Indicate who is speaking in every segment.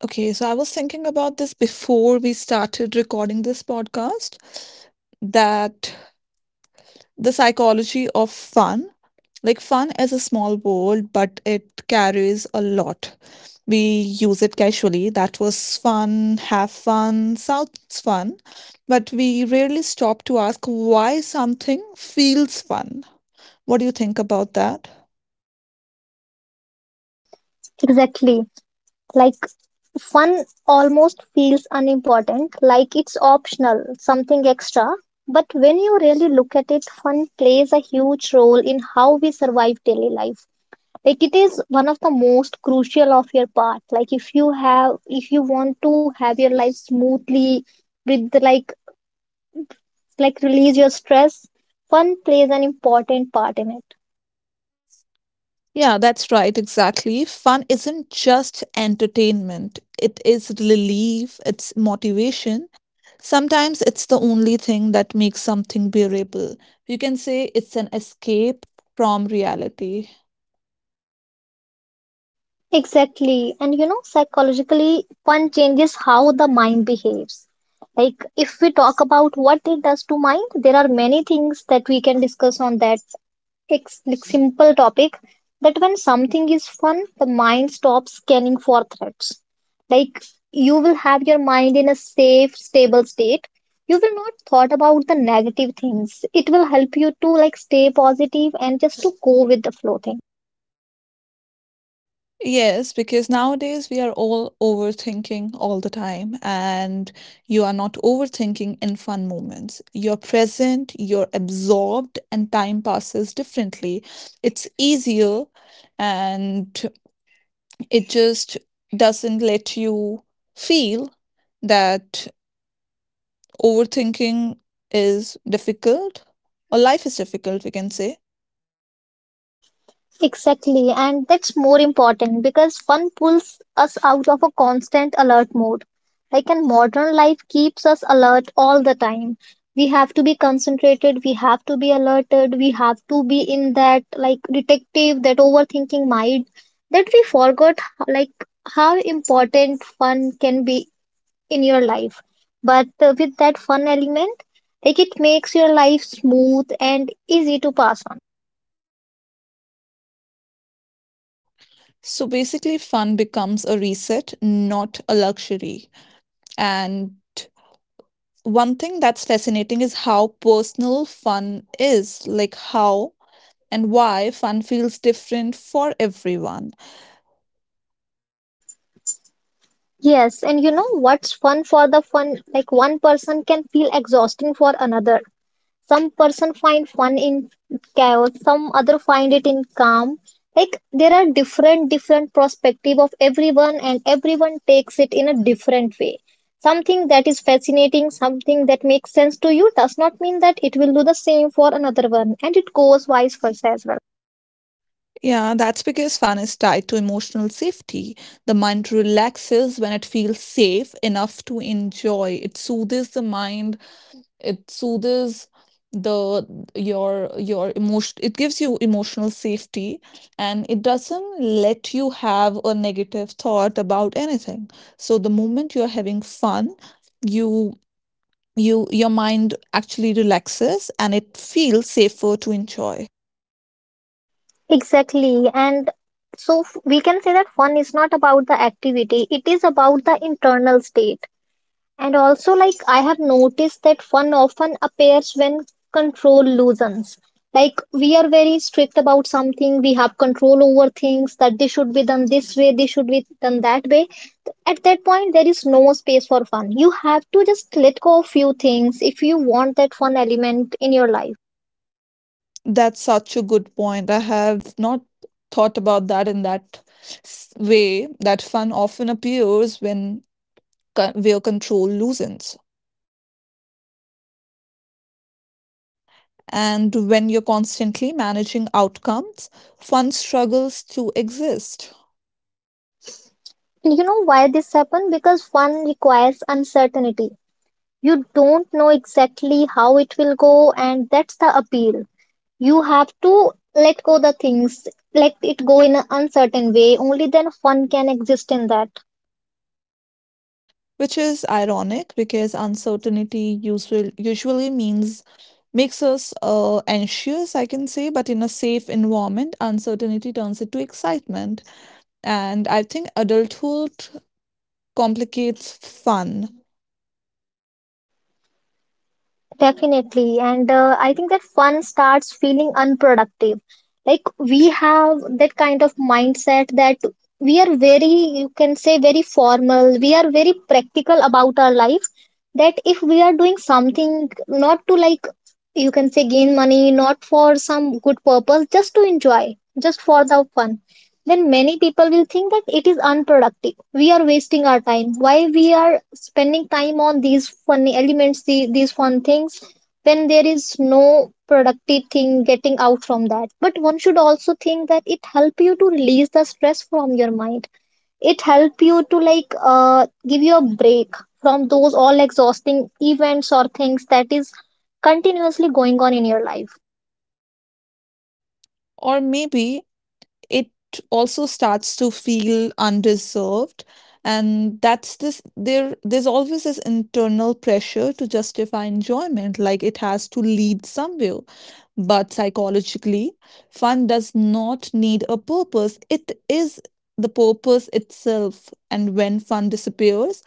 Speaker 1: Okay, so I was thinking about this before we started recording this podcast that the psychology of fun, like fun is a small world, but it carries a lot. We use it casually. That was fun, have fun, sounds fun, but we rarely stop to ask why something feels fun. What do you think about that?
Speaker 2: Exactly. Like, fun almost feels unimportant, like it's optional, something extra. But when you really look at it, fun plays a huge role in how we survive daily life. Like it is one of the most crucial of your part. Like if you want to have your life smoothly with like release your stress, fun plays an important part in it.
Speaker 1: Yeah, that's right, exactly. Fun isn't just entertainment, it is relief, it's motivation. Sometimes it's the only thing that makes something bearable. You can say it's an escape from reality.
Speaker 2: Exactly. And you know, psychologically, fun changes how the mind behaves. Like, if we talk about what it does to mind, there are many things that we can discuss on that like simple topic that when something is fun, the mind stops scanning for threats. Like, you will have your mind in a safe, stable state. You will not thought about the negative things. It will help you to like stay positive and just to go with the flow thing.
Speaker 1: Yes, because nowadays we are all overthinking all the time, and you are not overthinking in fun moments. You're present, you're absorbed, and time passes differently. It's easier and it just doesn't let you feel that overthinking is difficult or life is difficult, we can say.
Speaker 2: Exactly, and that's more important because fun pulls us out of a constant alert mode. Like in modern life keeps us alert all the time. We have to be concentrated, we have to be alerted, we have to be in that like detective, that overthinking mind that we forgot like how important fun can be in your life. But with that fun element, like it makes your life smooth and easy to pass.
Speaker 1: So basically, fun becomes a reset, not a luxury. And one thing that's fascinating is how personal fun is, like how and why fun feels different for everyone.
Speaker 2: Yes, and you know what's fun for the fun? Like one person can feel exhausting for another. Some person find fun in chaos, some other find it in calm. Like there are different perspective of everyone and everyone takes it in a different way. Something that is fascinating, something that makes sense to you does not mean that it will do the same for another one, and it goes vice versa as well.
Speaker 1: Yeah, that's because fun is tied to emotional safety. The mind relaxes when it feels safe enough to enjoy. It soothes the mind. It soothes the your emotion, it gives you emotional safety and it doesn't let you have a negative thought about anything. So the moment you're having fun, you you your mind actually relaxes and it feels safer to enjoy.
Speaker 2: Exactly. And we can say that fun is not about the activity, it is about the internal state. And also, like, I have noticed that fun often appears when control loosens. Like, we are very strict about something, we have control over things that they should be done this way, they should be done that way. At that point, there is no space for fun. You have to just let go of few things if you want that fun element in your life.
Speaker 1: That's such a good point. I have not thought about that in that way that fun often appears when where control loosens. And when you're constantly managing outcomes, fun struggles to exist.
Speaker 2: You know why this happened? Because one requires uncertainty. You don't know exactly how it will go, and that's the appeal. You have to let go the things, let it go in an uncertain way. Only then fun can exist in that.
Speaker 1: Which is ironic because uncertainty usually means makes us anxious, I can say, but in a safe environment uncertainty turns into excitement, and I think adulthood complicates fun,
Speaker 2: Definitely. And I think that fun starts feeling unproductive. Like we have that kind of mindset that we are very, you can say, very formal. We are very practical about our lives. That if we are doing something not to like, you can say, gain money, not for some good purpose, just to enjoy, just for the fun, then many people will think that it is unproductive. We are wasting our time. Why we are spending time on these funny elements, the, these fun things, when there is no productive thing getting out from that. But one should also think that it help you to release the stress from your mind. It help you to like give you a break from those all exhausting events or things that is continuously going on in your life.
Speaker 1: or maybe it also starts to feel undeserved. And that's this there's always this internal pressure to justify enjoyment, like it has to lead somewhere. But psychologically, fun does not need a purpose. It is the purpose itself. And when fun disappears,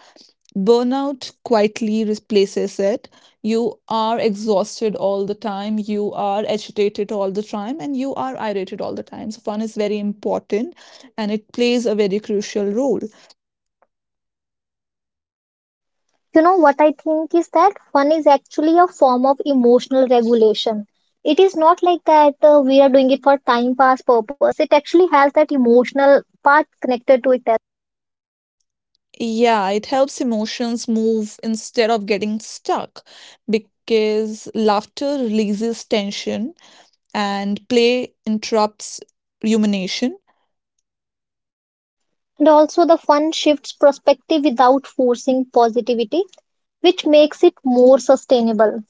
Speaker 1: burnout quietly replaces it. You are exhausted all the time, you are agitated all the time, and you are irritated all the time. So, fun is very important and it plays a very crucial role.
Speaker 2: You know what I think is that fun is actually a form of emotional regulation. It is not like that we are doing it for time pass purpose. It actually has that emotional part connected to it.
Speaker 1: Yeah, it helps emotions move instead of getting stuck because laughter releases tension and play interrupts rumination.
Speaker 2: And also the fun shifts perspective without forcing positivity, which makes it more sustainable.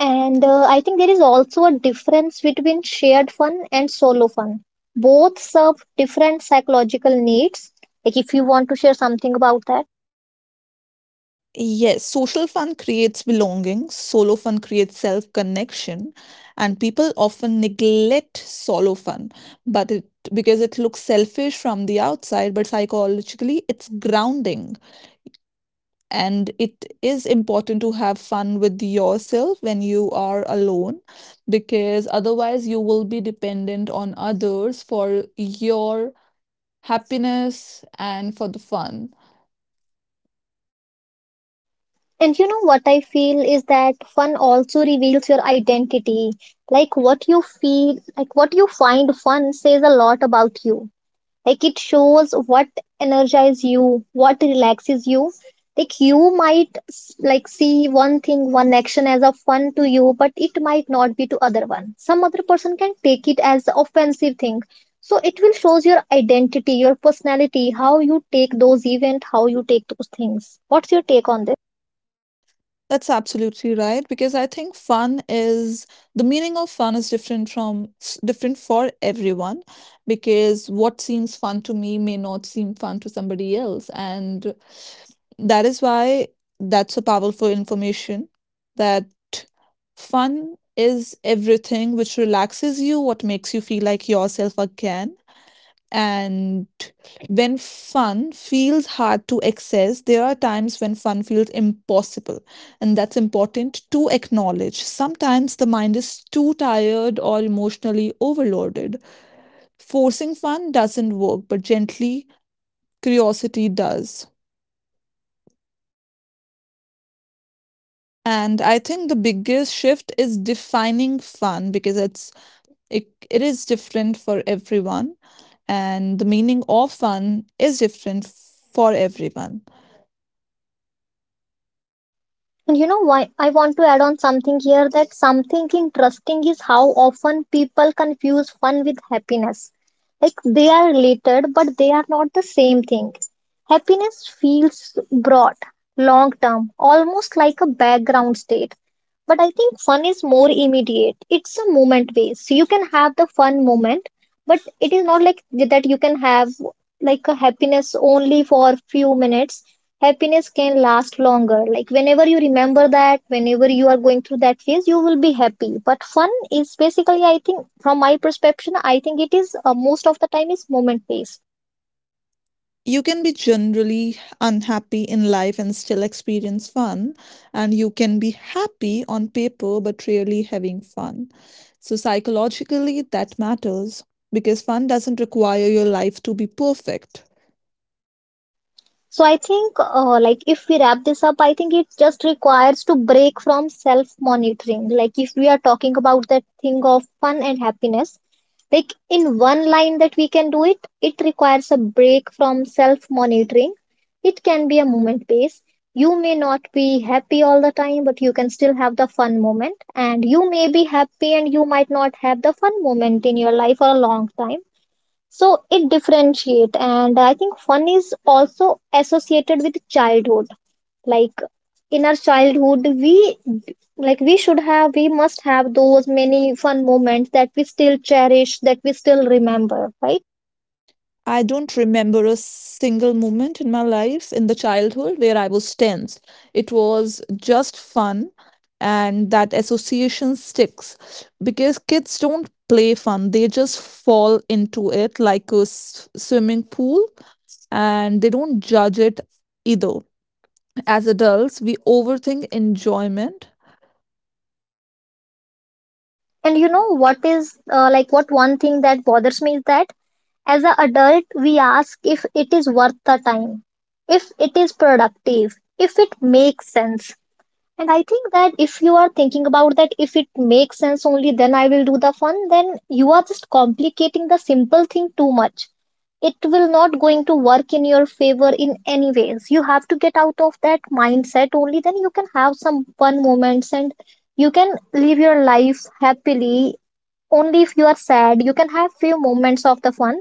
Speaker 2: And I think there is also a difference between shared fun and solo fun. Both serve different psychological needs. Like if you want to share something about that.
Speaker 1: Yes, social fun creates belonging, solo fun creates self connection, and people often neglect solo fun, but it because it looks selfish from the outside, but psychologically it's grounding. And it is important to have fun with yourself when you are alone because otherwise you will be dependent on others for your happiness and for the fun.
Speaker 2: And you know what I feel is that fun also reveals your identity. Like what you feel, like what you find fun says a lot about you. Like it shows what energizes you, what relaxes you. Like you might like see one thing, one action as a fun to you, but it might not be to other one. Some other person can take it as offensive thing. So it will shows your identity, your personality, how you take those event, how you take those things. What's your take on that?
Speaker 1: That's absolutely right because I think fun is the meaning of fun is different from different for everyone because what seems fun to me may not seem fun to somebody else and that is why that's so powerful information that fun is everything which relaxes you, what makes you feel like yourself again. And when fun feels hard to access, there are times when fun feels impossible, and that's important to acknowledge. Sometimes the mind is too tired or emotionally overloaded, forcing fun doesn't work, but gently curiosity does. And I think the biggest shift is defining fun because it's it is different for everyone and the meaning of fun is different for everyone.
Speaker 2: And you know why I want to add on something here that something interesting is how often people confuse fun with happiness. Like they are related, but they are not the same thing. Happiness feels broad, long term, almost like a background state. But I think fun is more immediate. It's a moment based. So you can have the fun moment, but it is not like that you can have like a happiness only for few minutes. Happiness can last longer. Like whenever you remember that, whenever you are going through that phase, you will be happy. But fun is basically, I think, from my perception, I think it is most of the time is moment based.
Speaker 1: You can be generally unhappy in life and still experience fun, and you can be happy on paper but really having fun. So, psychologically, that matters because fun doesn't require your life to be perfect.
Speaker 2: So I think, like, if we wrap this up, I think it just requires to break from self-monitoring. Like, if we are talking about that thing of fun and happiness, like in one line that we can do it, it requires a break from self-monitoring. It can be a moment base. You may not be happy all the time, but you can still have the fun moment. And you may be happy and you might not have the fun moment in your life for a long time. So it differentiate, and I think fun is also associated with childhood. Like in our childhood we like we must have those many fun moments that we still cherish, that we still remember, right?
Speaker 1: I don't remember a single moment in my life in the childhood where I was tense. It was just fun, and that association sticks because kids don't play fun, they just fall into it like a swimming pool and they don't judge it either. As adults, we overthink enjoyment.
Speaker 2: And you know what is like what one thing that bothers me is that as an adult we ask if it is worth the time, if it is productive, if it makes sense. And I think that if you are thinking about that, if it makes sense only, then I will do the fun, then you are just complicating the simple thing too much. It will not going to work in your favor in any ways. You have to get out of that mindset only, then you can have some fun moments and you can live your life happily. Only if you are sad, you can have few moments of the fun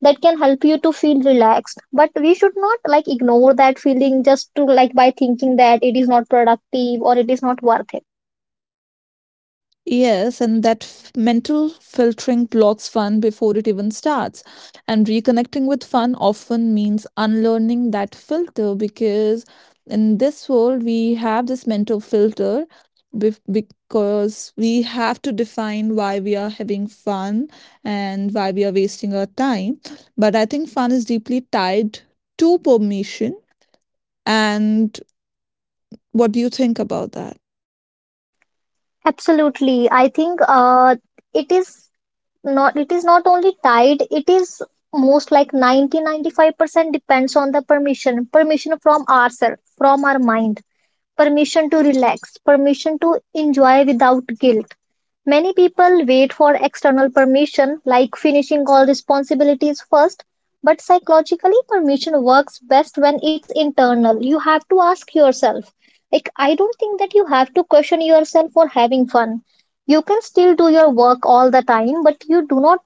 Speaker 2: that can help you to feel relaxed, but we should not like ignore that feeling just to like by thinking that it is not productive or it is not worth it.
Speaker 1: Yes, and that mental filtering blocks fun before it even starts. And reconnecting with fun often means unlearning that filter because in this world we have this mental filter because we have to define why we are having fun and why we are wasting our time. But I think fun is deeply tied to permission. And what do you think about that?
Speaker 2: Absolutely. I think it is not only tied, it is most like ninety five percent depends on the permission from ourselves, from our mind. Permission to relax, permission to enjoy without guilt. Many people wait for external permission, like finishing all responsibilities first, but psychologically, permission works best when it's internal. You have to ask yourself. Like, I don't think that you have to question yourself for having fun. You can still do your work all the time, but you do not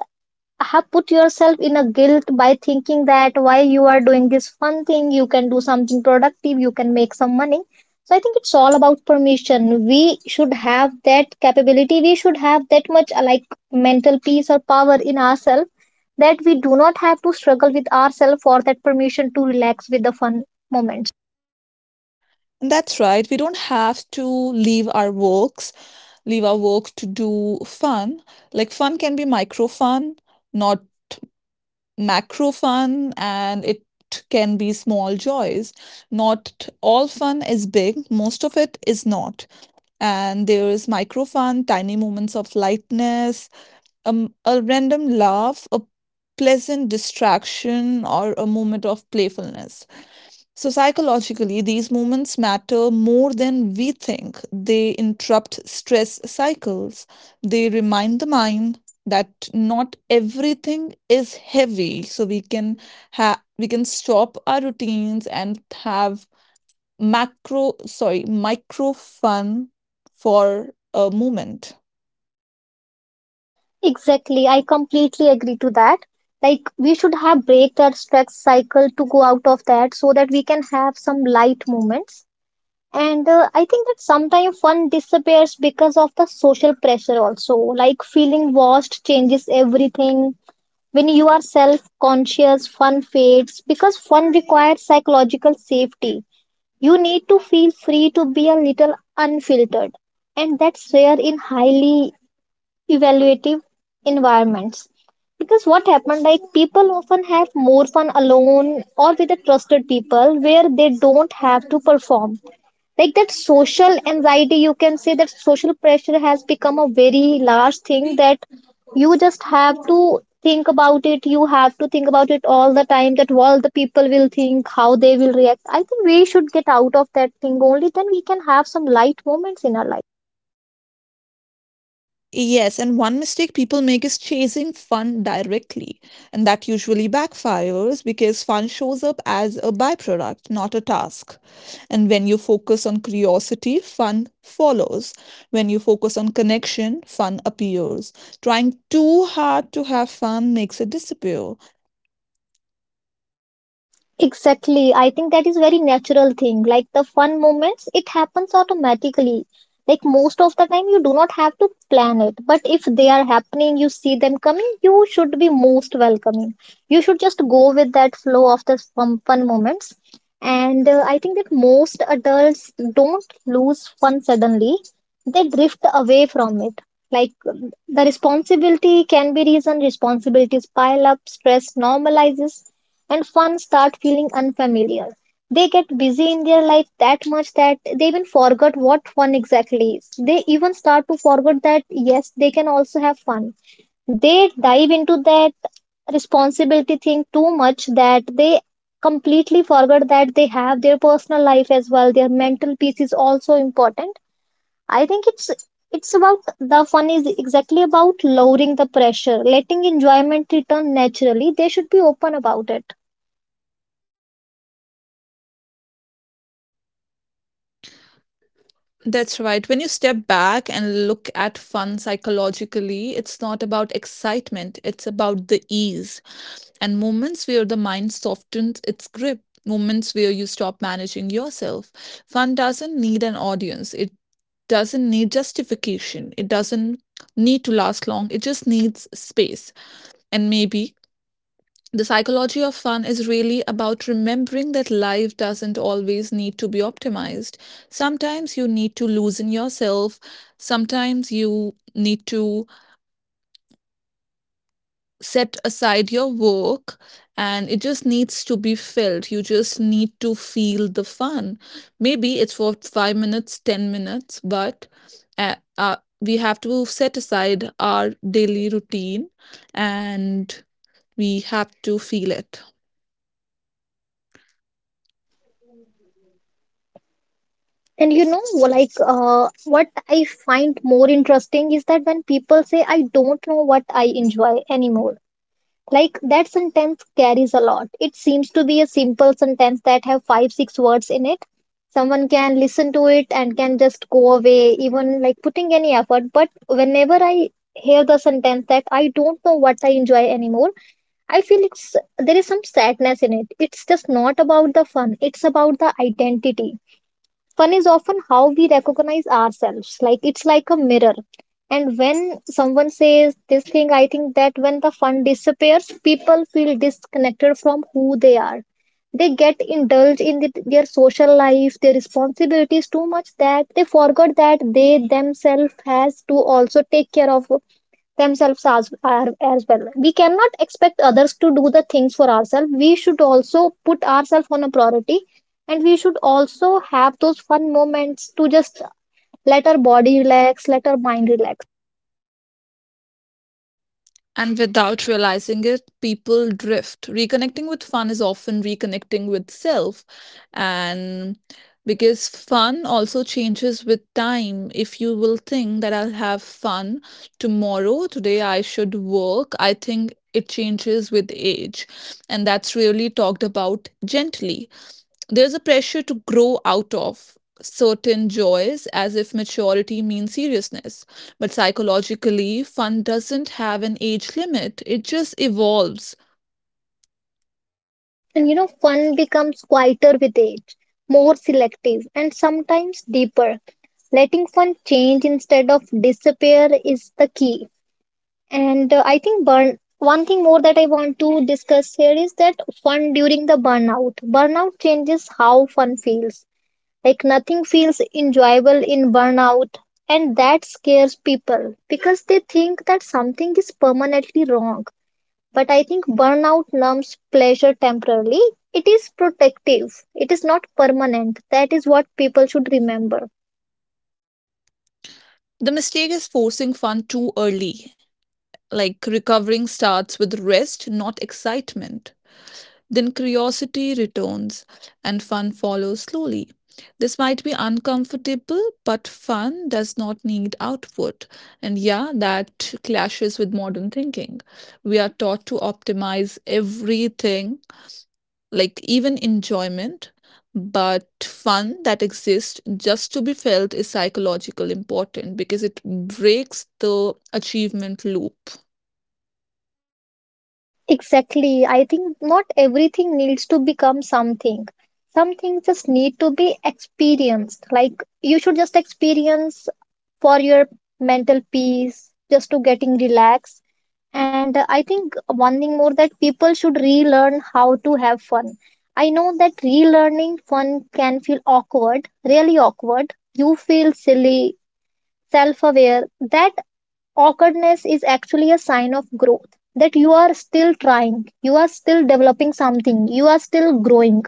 Speaker 2: have put yourself in a guilt by thinking that why you are doing this fun thing, you can do something productive, you can make some money. So I think it's all about permission. We should have that capability, we should have that much like mental peace or power in ourselves that we do not have to struggle with ourselves for that permission to relax with the fun moments.
Speaker 1: That's right. We don't have to leave our leave our work to do fun. Like fun can be micro fun, not macro fun, and it can be small joys. Not all fun is big, most of it is not. And there is micro fun, tiny moments of lightness, a random laugh, a pleasant distraction, or a moment of playfulness. So, psychologically, these moments matter more than we think. They interrupt stress cycles. They remind the mind that not everything is heavy. So we can have we can stop our routines and have macro sorry micro fun for a moment.
Speaker 2: Exactly, I completely agree to that. Like we should have break that stress cycle to go out of that so that we can have some light moments. And I think that sometimes fun disappears because of the social pressure, also. Like feeling washed changes everything. When you are self conscious, fun fades because fun requires psychological safety. You need to feel free to be a little unfiltered, and that's rare in highly evaluative environments. Because what happened, like people often have more fun alone or with the trusted people where they don't have to perform, like that social anxiety, you can say that social pressure has become a very large thing, that you just have to think about it, you have to think about it all the time, that what the people will think, how they will react. I think we should get out of that thing, only then we can have some light moments in our life.
Speaker 1: Yes, and one mistake people make is chasing fun directly, and that usually backfires because fun shows up as a byproduct, not a task. And when you focus on curiosity, fun follows. When you focus on connection, fun appears. Trying too hard to have fun makes it disappear.
Speaker 2: Exactly. I think that is very natural thing. Like the fun moments, it happens automatically. Like most of the time, you do not have to plan it. But if they are happening, you see them coming, you should be most welcoming. You should just go with that flow of the fun, fun moments. And I think that most adults don't lose fun suddenly. They drift away from it. Like the responsibility can be reason, responsibilities pile up, stress normalizes and fun start feeling unfamiliar. They get busy in their life that much that they even forget what fun exactly is. They even start to forget that yes, they can also have fun. They dive into that responsibility thing too much that they completely forget that they have their personal life as well. Their mental peace is also important. I think it's about the fun is exactly about lowering the pressure, letting enjoyment return naturally. They should be open about it.
Speaker 1: That's right. When you step back and look at fun psychologically, it's not about excitement, it's about the ease and moments where the mind softens its grip, moments where you stop managing yourself. Fun doesn't need an audience, it doesn't need justification, it doesn't need to last long, it just needs space. And maybe the psychology of fun is really about remembering that life doesn't always need to be optimized. Sometimes you need to loosen yourself, sometimes you need to set aside your work and it just needs to be filled. You just need to feel the fun. Maybe it's for 5 minutes, 10 minutes, but we have to set aside our daily routine and we have to feel it.
Speaker 2: And like what I find more interesting is that when people say, I don't know what I enjoy anymore, like that sentence carries a lot. It seems to be a simple sentence that have five, six words in it. Someone can listen to it and can just go away, even like putting any effort. But whenever I hear the sentence that I don't know what I enjoy anymore, I feel it's there is some sadness in it. It's just not about the fun, it's about the identity. Fun is often how we recognize ourselves. Like it's like a mirror. And when someone says this thing, I think that when the fun disappears, people feel disconnected from who they are. They get indulged in their social life, their responsibilities too much that they forgot that they themselves has to also take care of themselves as well. We cannot expect others to do the things for ourselves, we should also put ourselves on a priority, and we should also have those fun moments to just let our body relax, let our mind relax.
Speaker 1: And without realizing it, people drift. Reconnecting with fun is often reconnecting with self. And because fun also changes with time. If you will think that I'll have fun tomorrow, today I should work, I think it changes with age. And that's really talked about gently. There's a pressure to grow out of certain joys as if maturity means seriousness. But psychologically, fun doesn't have an age limit, it just evolves.
Speaker 2: And fun becomes quieter with age, more selective and sometimes deeper. Letting fun change instead of disappear is the key. And I think burn one thing more that I want to discuss here is that fun during the burnout. Burnout changes how fun feels. Like nothing feels enjoyable in burnout, and that scares people because they think that something is permanently wrong. But I think burnout numbs pleasure temporarily. It is protective. It is not permanent. That is what people should remember.
Speaker 1: The mistake is forcing fun too early. Like recovering starts with rest, not excitement. Then curiosity returns and fun follows slowly. This might be uncomfortable, but fun does not need output. And yeah, that clashes with modern thinking. We are taught to optimize everything, like even enjoyment, but fun that exists just to be felt is psychologically important because it breaks the achievement loop.
Speaker 2: Exactly. I think not everything needs to become something. Some things just need to be experienced. Like you should just experience for your mental peace, just to getting relaxed. And I think one thing more that people should relearn how to have fun. I know that relearning fun can feel awkward, really awkward. You feel silly, self aware. That awkwardness is actually a sign of growth, that you are still trying, you are still developing something, you are still growing,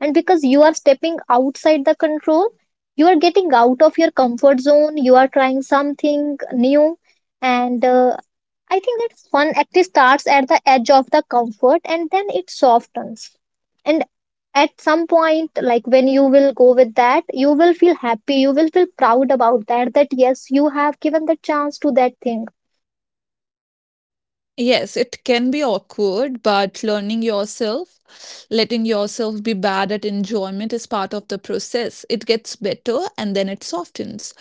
Speaker 2: and because you are stepping outside the control, you are getting out of your comfort zone, you are trying something new. And I think that fun actually starts at the edge of the comfort and then it softens, and at some point, like when you will go with that, you will feel happy, you will feel proud about that, that yes, you have given the chance to that thing.
Speaker 1: Yes, it can be awkward, but learning yourself, letting yourself be bad at enjoyment is part of the process. It gets better and then it softens.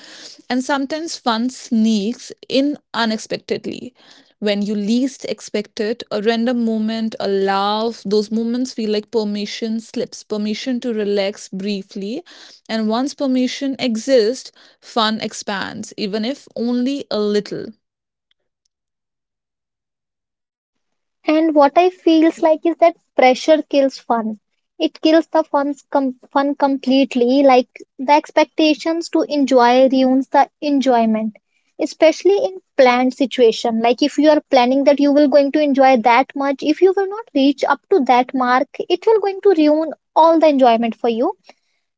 Speaker 1: And sometimes fun sneaks in unexpectedly. When you least expect it, a random moment, a laugh, those moments feel like permission slips, permission to relax briefly. And once permission exists, fun expands, even if only a little.
Speaker 2: And what I feels like is that pressure kills fun. It kills the fun completely. Like the expectations to enjoy ruins the enjoyment, especially in planned situation. Like if you are planning that you will going to enjoy that much, if you will not reach up to that mark, it will going to ruin all the enjoyment for you.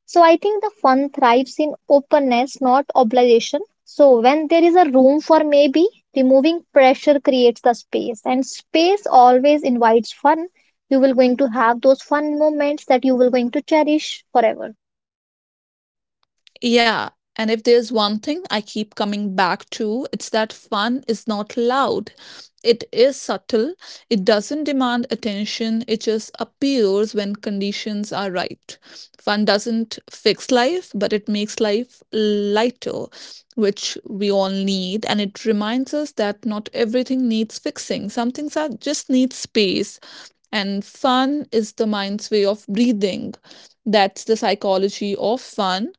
Speaker 2: So I think the fun thrives in openness, not obligation. So when there is a room for maybe, removing pressure creates the space, and space always invites fun. You will going to have those fun moments that you will going to cherish forever.
Speaker 1: Yeah. And if there's one thing I keep coming back to, it's that fun is not loud. It is subtle. It doesn't demand attention. It just appears when conditions are right. Fun doesn't fix life, but it makes life lighter, which we all need. And it reminds us that not everything needs fixing. Some things are just need space. And fun is the mind's way of breathing. That's the psychology of fun.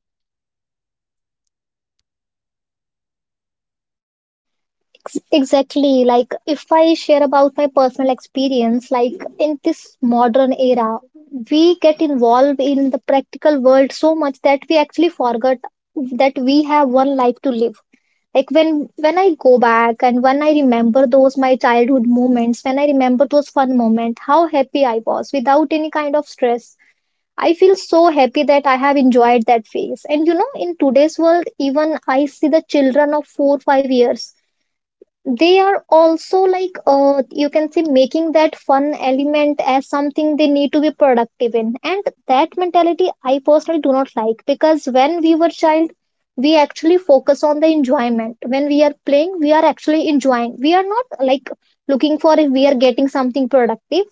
Speaker 2: Exactly. Like if I share about my personal experience, like in this modern era, we get involved in the practical world so much that we actually forget that we have one life to live. Like when I go back and when I remember those my childhood moments, when I remember those fun moments, how happy I was without any kind of stress, I feel so happy that I have enjoyed that phase. And in today's world, even I see the children of 4 5 years, they are also like you can say making that fun element as something they need to be productive in. And that mentality I personally do not like, because when we were child, we actually focus on the enjoyment. When we are playing, we are actually enjoying, we are not like looking for if we are getting something productive.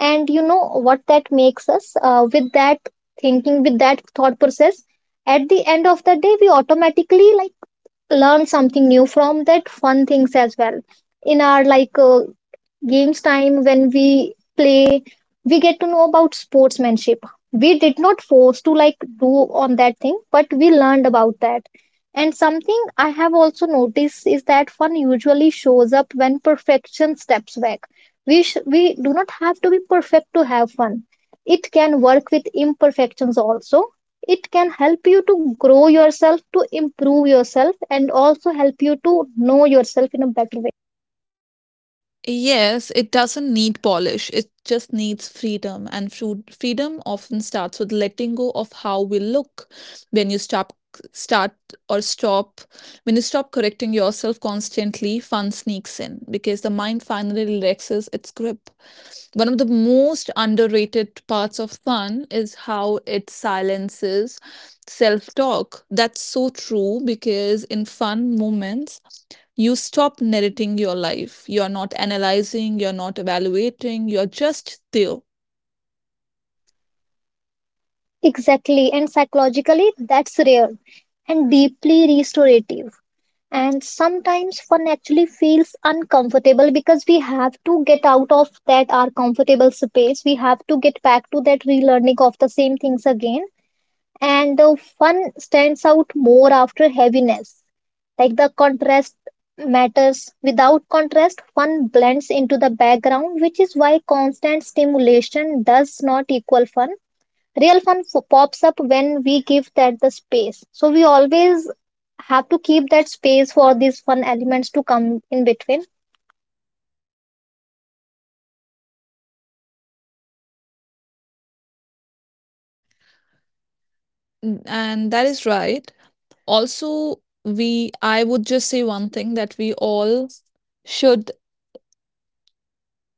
Speaker 2: And you know what, that makes us with that thinking, with that thought process, at the end of the day we automatically like learn something new from that fun things as well. In our like games time, when we play, we get to know about sportsmanship. We did not force to like do on that thing, but we learned about that. And something I have also noticed is that fun usually shows up when perfection steps back. We do not have to be perfect to have fun. It can work with imperfections also. It can help you to grow yourself, to improve yourself, and also help you to know yourself in a better way.
Speaker 1: Yes, it doesn't need polish. It just needs freedom. And freedom often starts with letting go of how we look. When you stop, start or stop, when you stop correcting yourself constantly, fun sneaks in because the mind finally relaxes its grip. One of the most underrated parts of fun is how it silences self talk. That's so true because in fun moments, you stop narrating your life. You're not analyzing, you're not evaluating, you're just there.
Speaker 2: Exactly, and psychologically, that's rare and deeply restorative. And sometimes fun actually feels uncomfortable because we have to get out of that our comfortable space. We have to get back to that relearning of the same things again. And the fun stands out more after heaviness. Like the contrast matters. Without contrast, fun blends into the background, which is why constant stimulation does not equal fun. Real fun pops up when we give that the space, so we always have to keep that space for these fun elements to come in between.
Speaker 1: And that is right. Also, I would just say one thing that we all should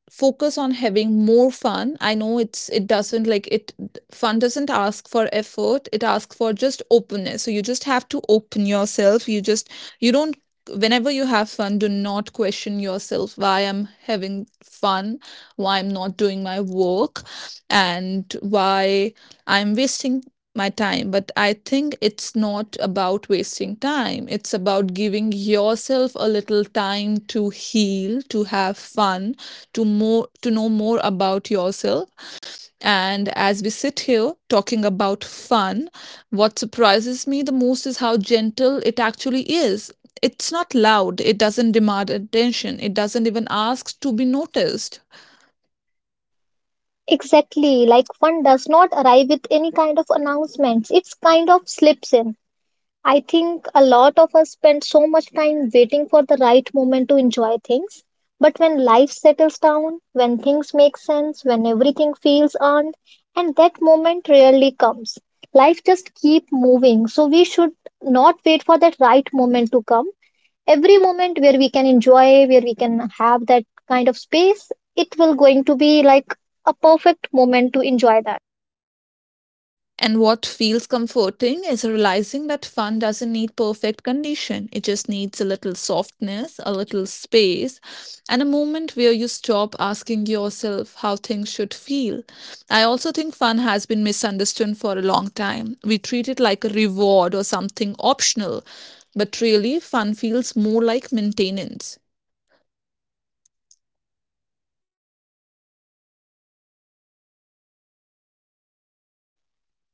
Speaker 1: focus on having more fun. I know it doesn't like it, fun doesn't ask for effort, it asks for just openness. So you just have to open yourself. You just you don't Whenever you have fun, do not question yourself why I'm having fun, why I'm not doing my work, and why I'm wasting my time. But I think it's not about wasting time, it's about giving yourself a little time to heal, to have fun, to know more about yourself. And as we sit here talking about fun, what surprises me the most is how gentle it actually is. It's not loud, it doesn't demand attention, it doesn't even ask to be noticed.
Speaker 2: Exactly, like fun does not arrive with any kind of announcements, it's kind of slips in. I think a lot of us spend so much time waiting for the right moment to enjoy things. But when life settles down, when things make sense, when everything feels earned, and that moment rarely comes. Life just keep moving. So we should not wait for that right moment to come. Every moment where we can enjoy, where we can have that kind of space, it will going to be like a perfect moment to enjoy that.
Speaker 1: And what feels comforting is realizing that fun doesn't need perfect condition. It just needs a little softness, a little space, and a moment where you stop asking yourself how things should feel. I also think fun has been misunderstood for a long time. We treat it like a reward or something optional, but really, fun feels more like maintenance.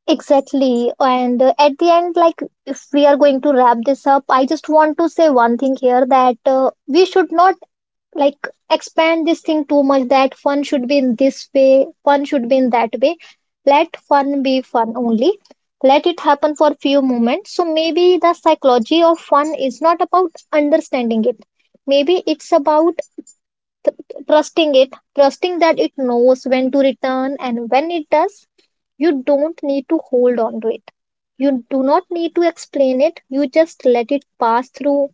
Speaker 2: Exactly. And at the end, like if we are going to wrap this up, I just want to say one thing here that we should not like expand this thing too much that fun should be in this way, fun should be in that way. Let fun be fun only. Let it happen for few moments. So maybe the psychology of fun is not about understanding it. Maybe it's about th- trusting it, trusting that it knows when to return, and when it does, you don't need to hold on to it. You do not need to explain it. You just let it pass through.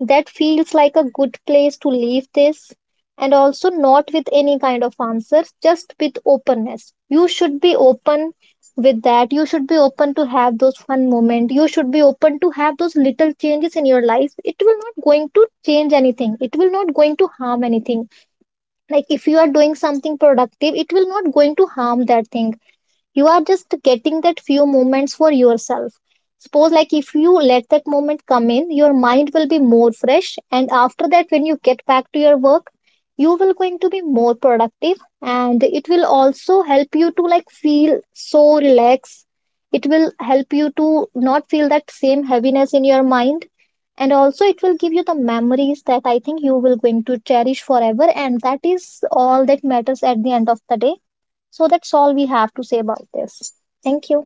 Speaker 2: That feels like a good place to leave this. And also, not with any kind of answers, just with openness. You should be open with that. You should be open to have those fun moments. You should be open to have those little changes in your life. It will not going to change anything. It will not going to harm anything. Like if you are doing something productive, it will not going to harm that thing. You are just getting that few moments for yourself. Suppose, like if you let that moment come in, your mind will be more fresh, and after that when you get back to your work, you will going to be more productive, and it will also help you to like feel so relaxed. It will help you to not feel that same heaviness in your mind. And also it will give you the memories that I think you will going to cherish forever, and that is all that matters at the end of the day. So that's all we have to say about this. Thank you.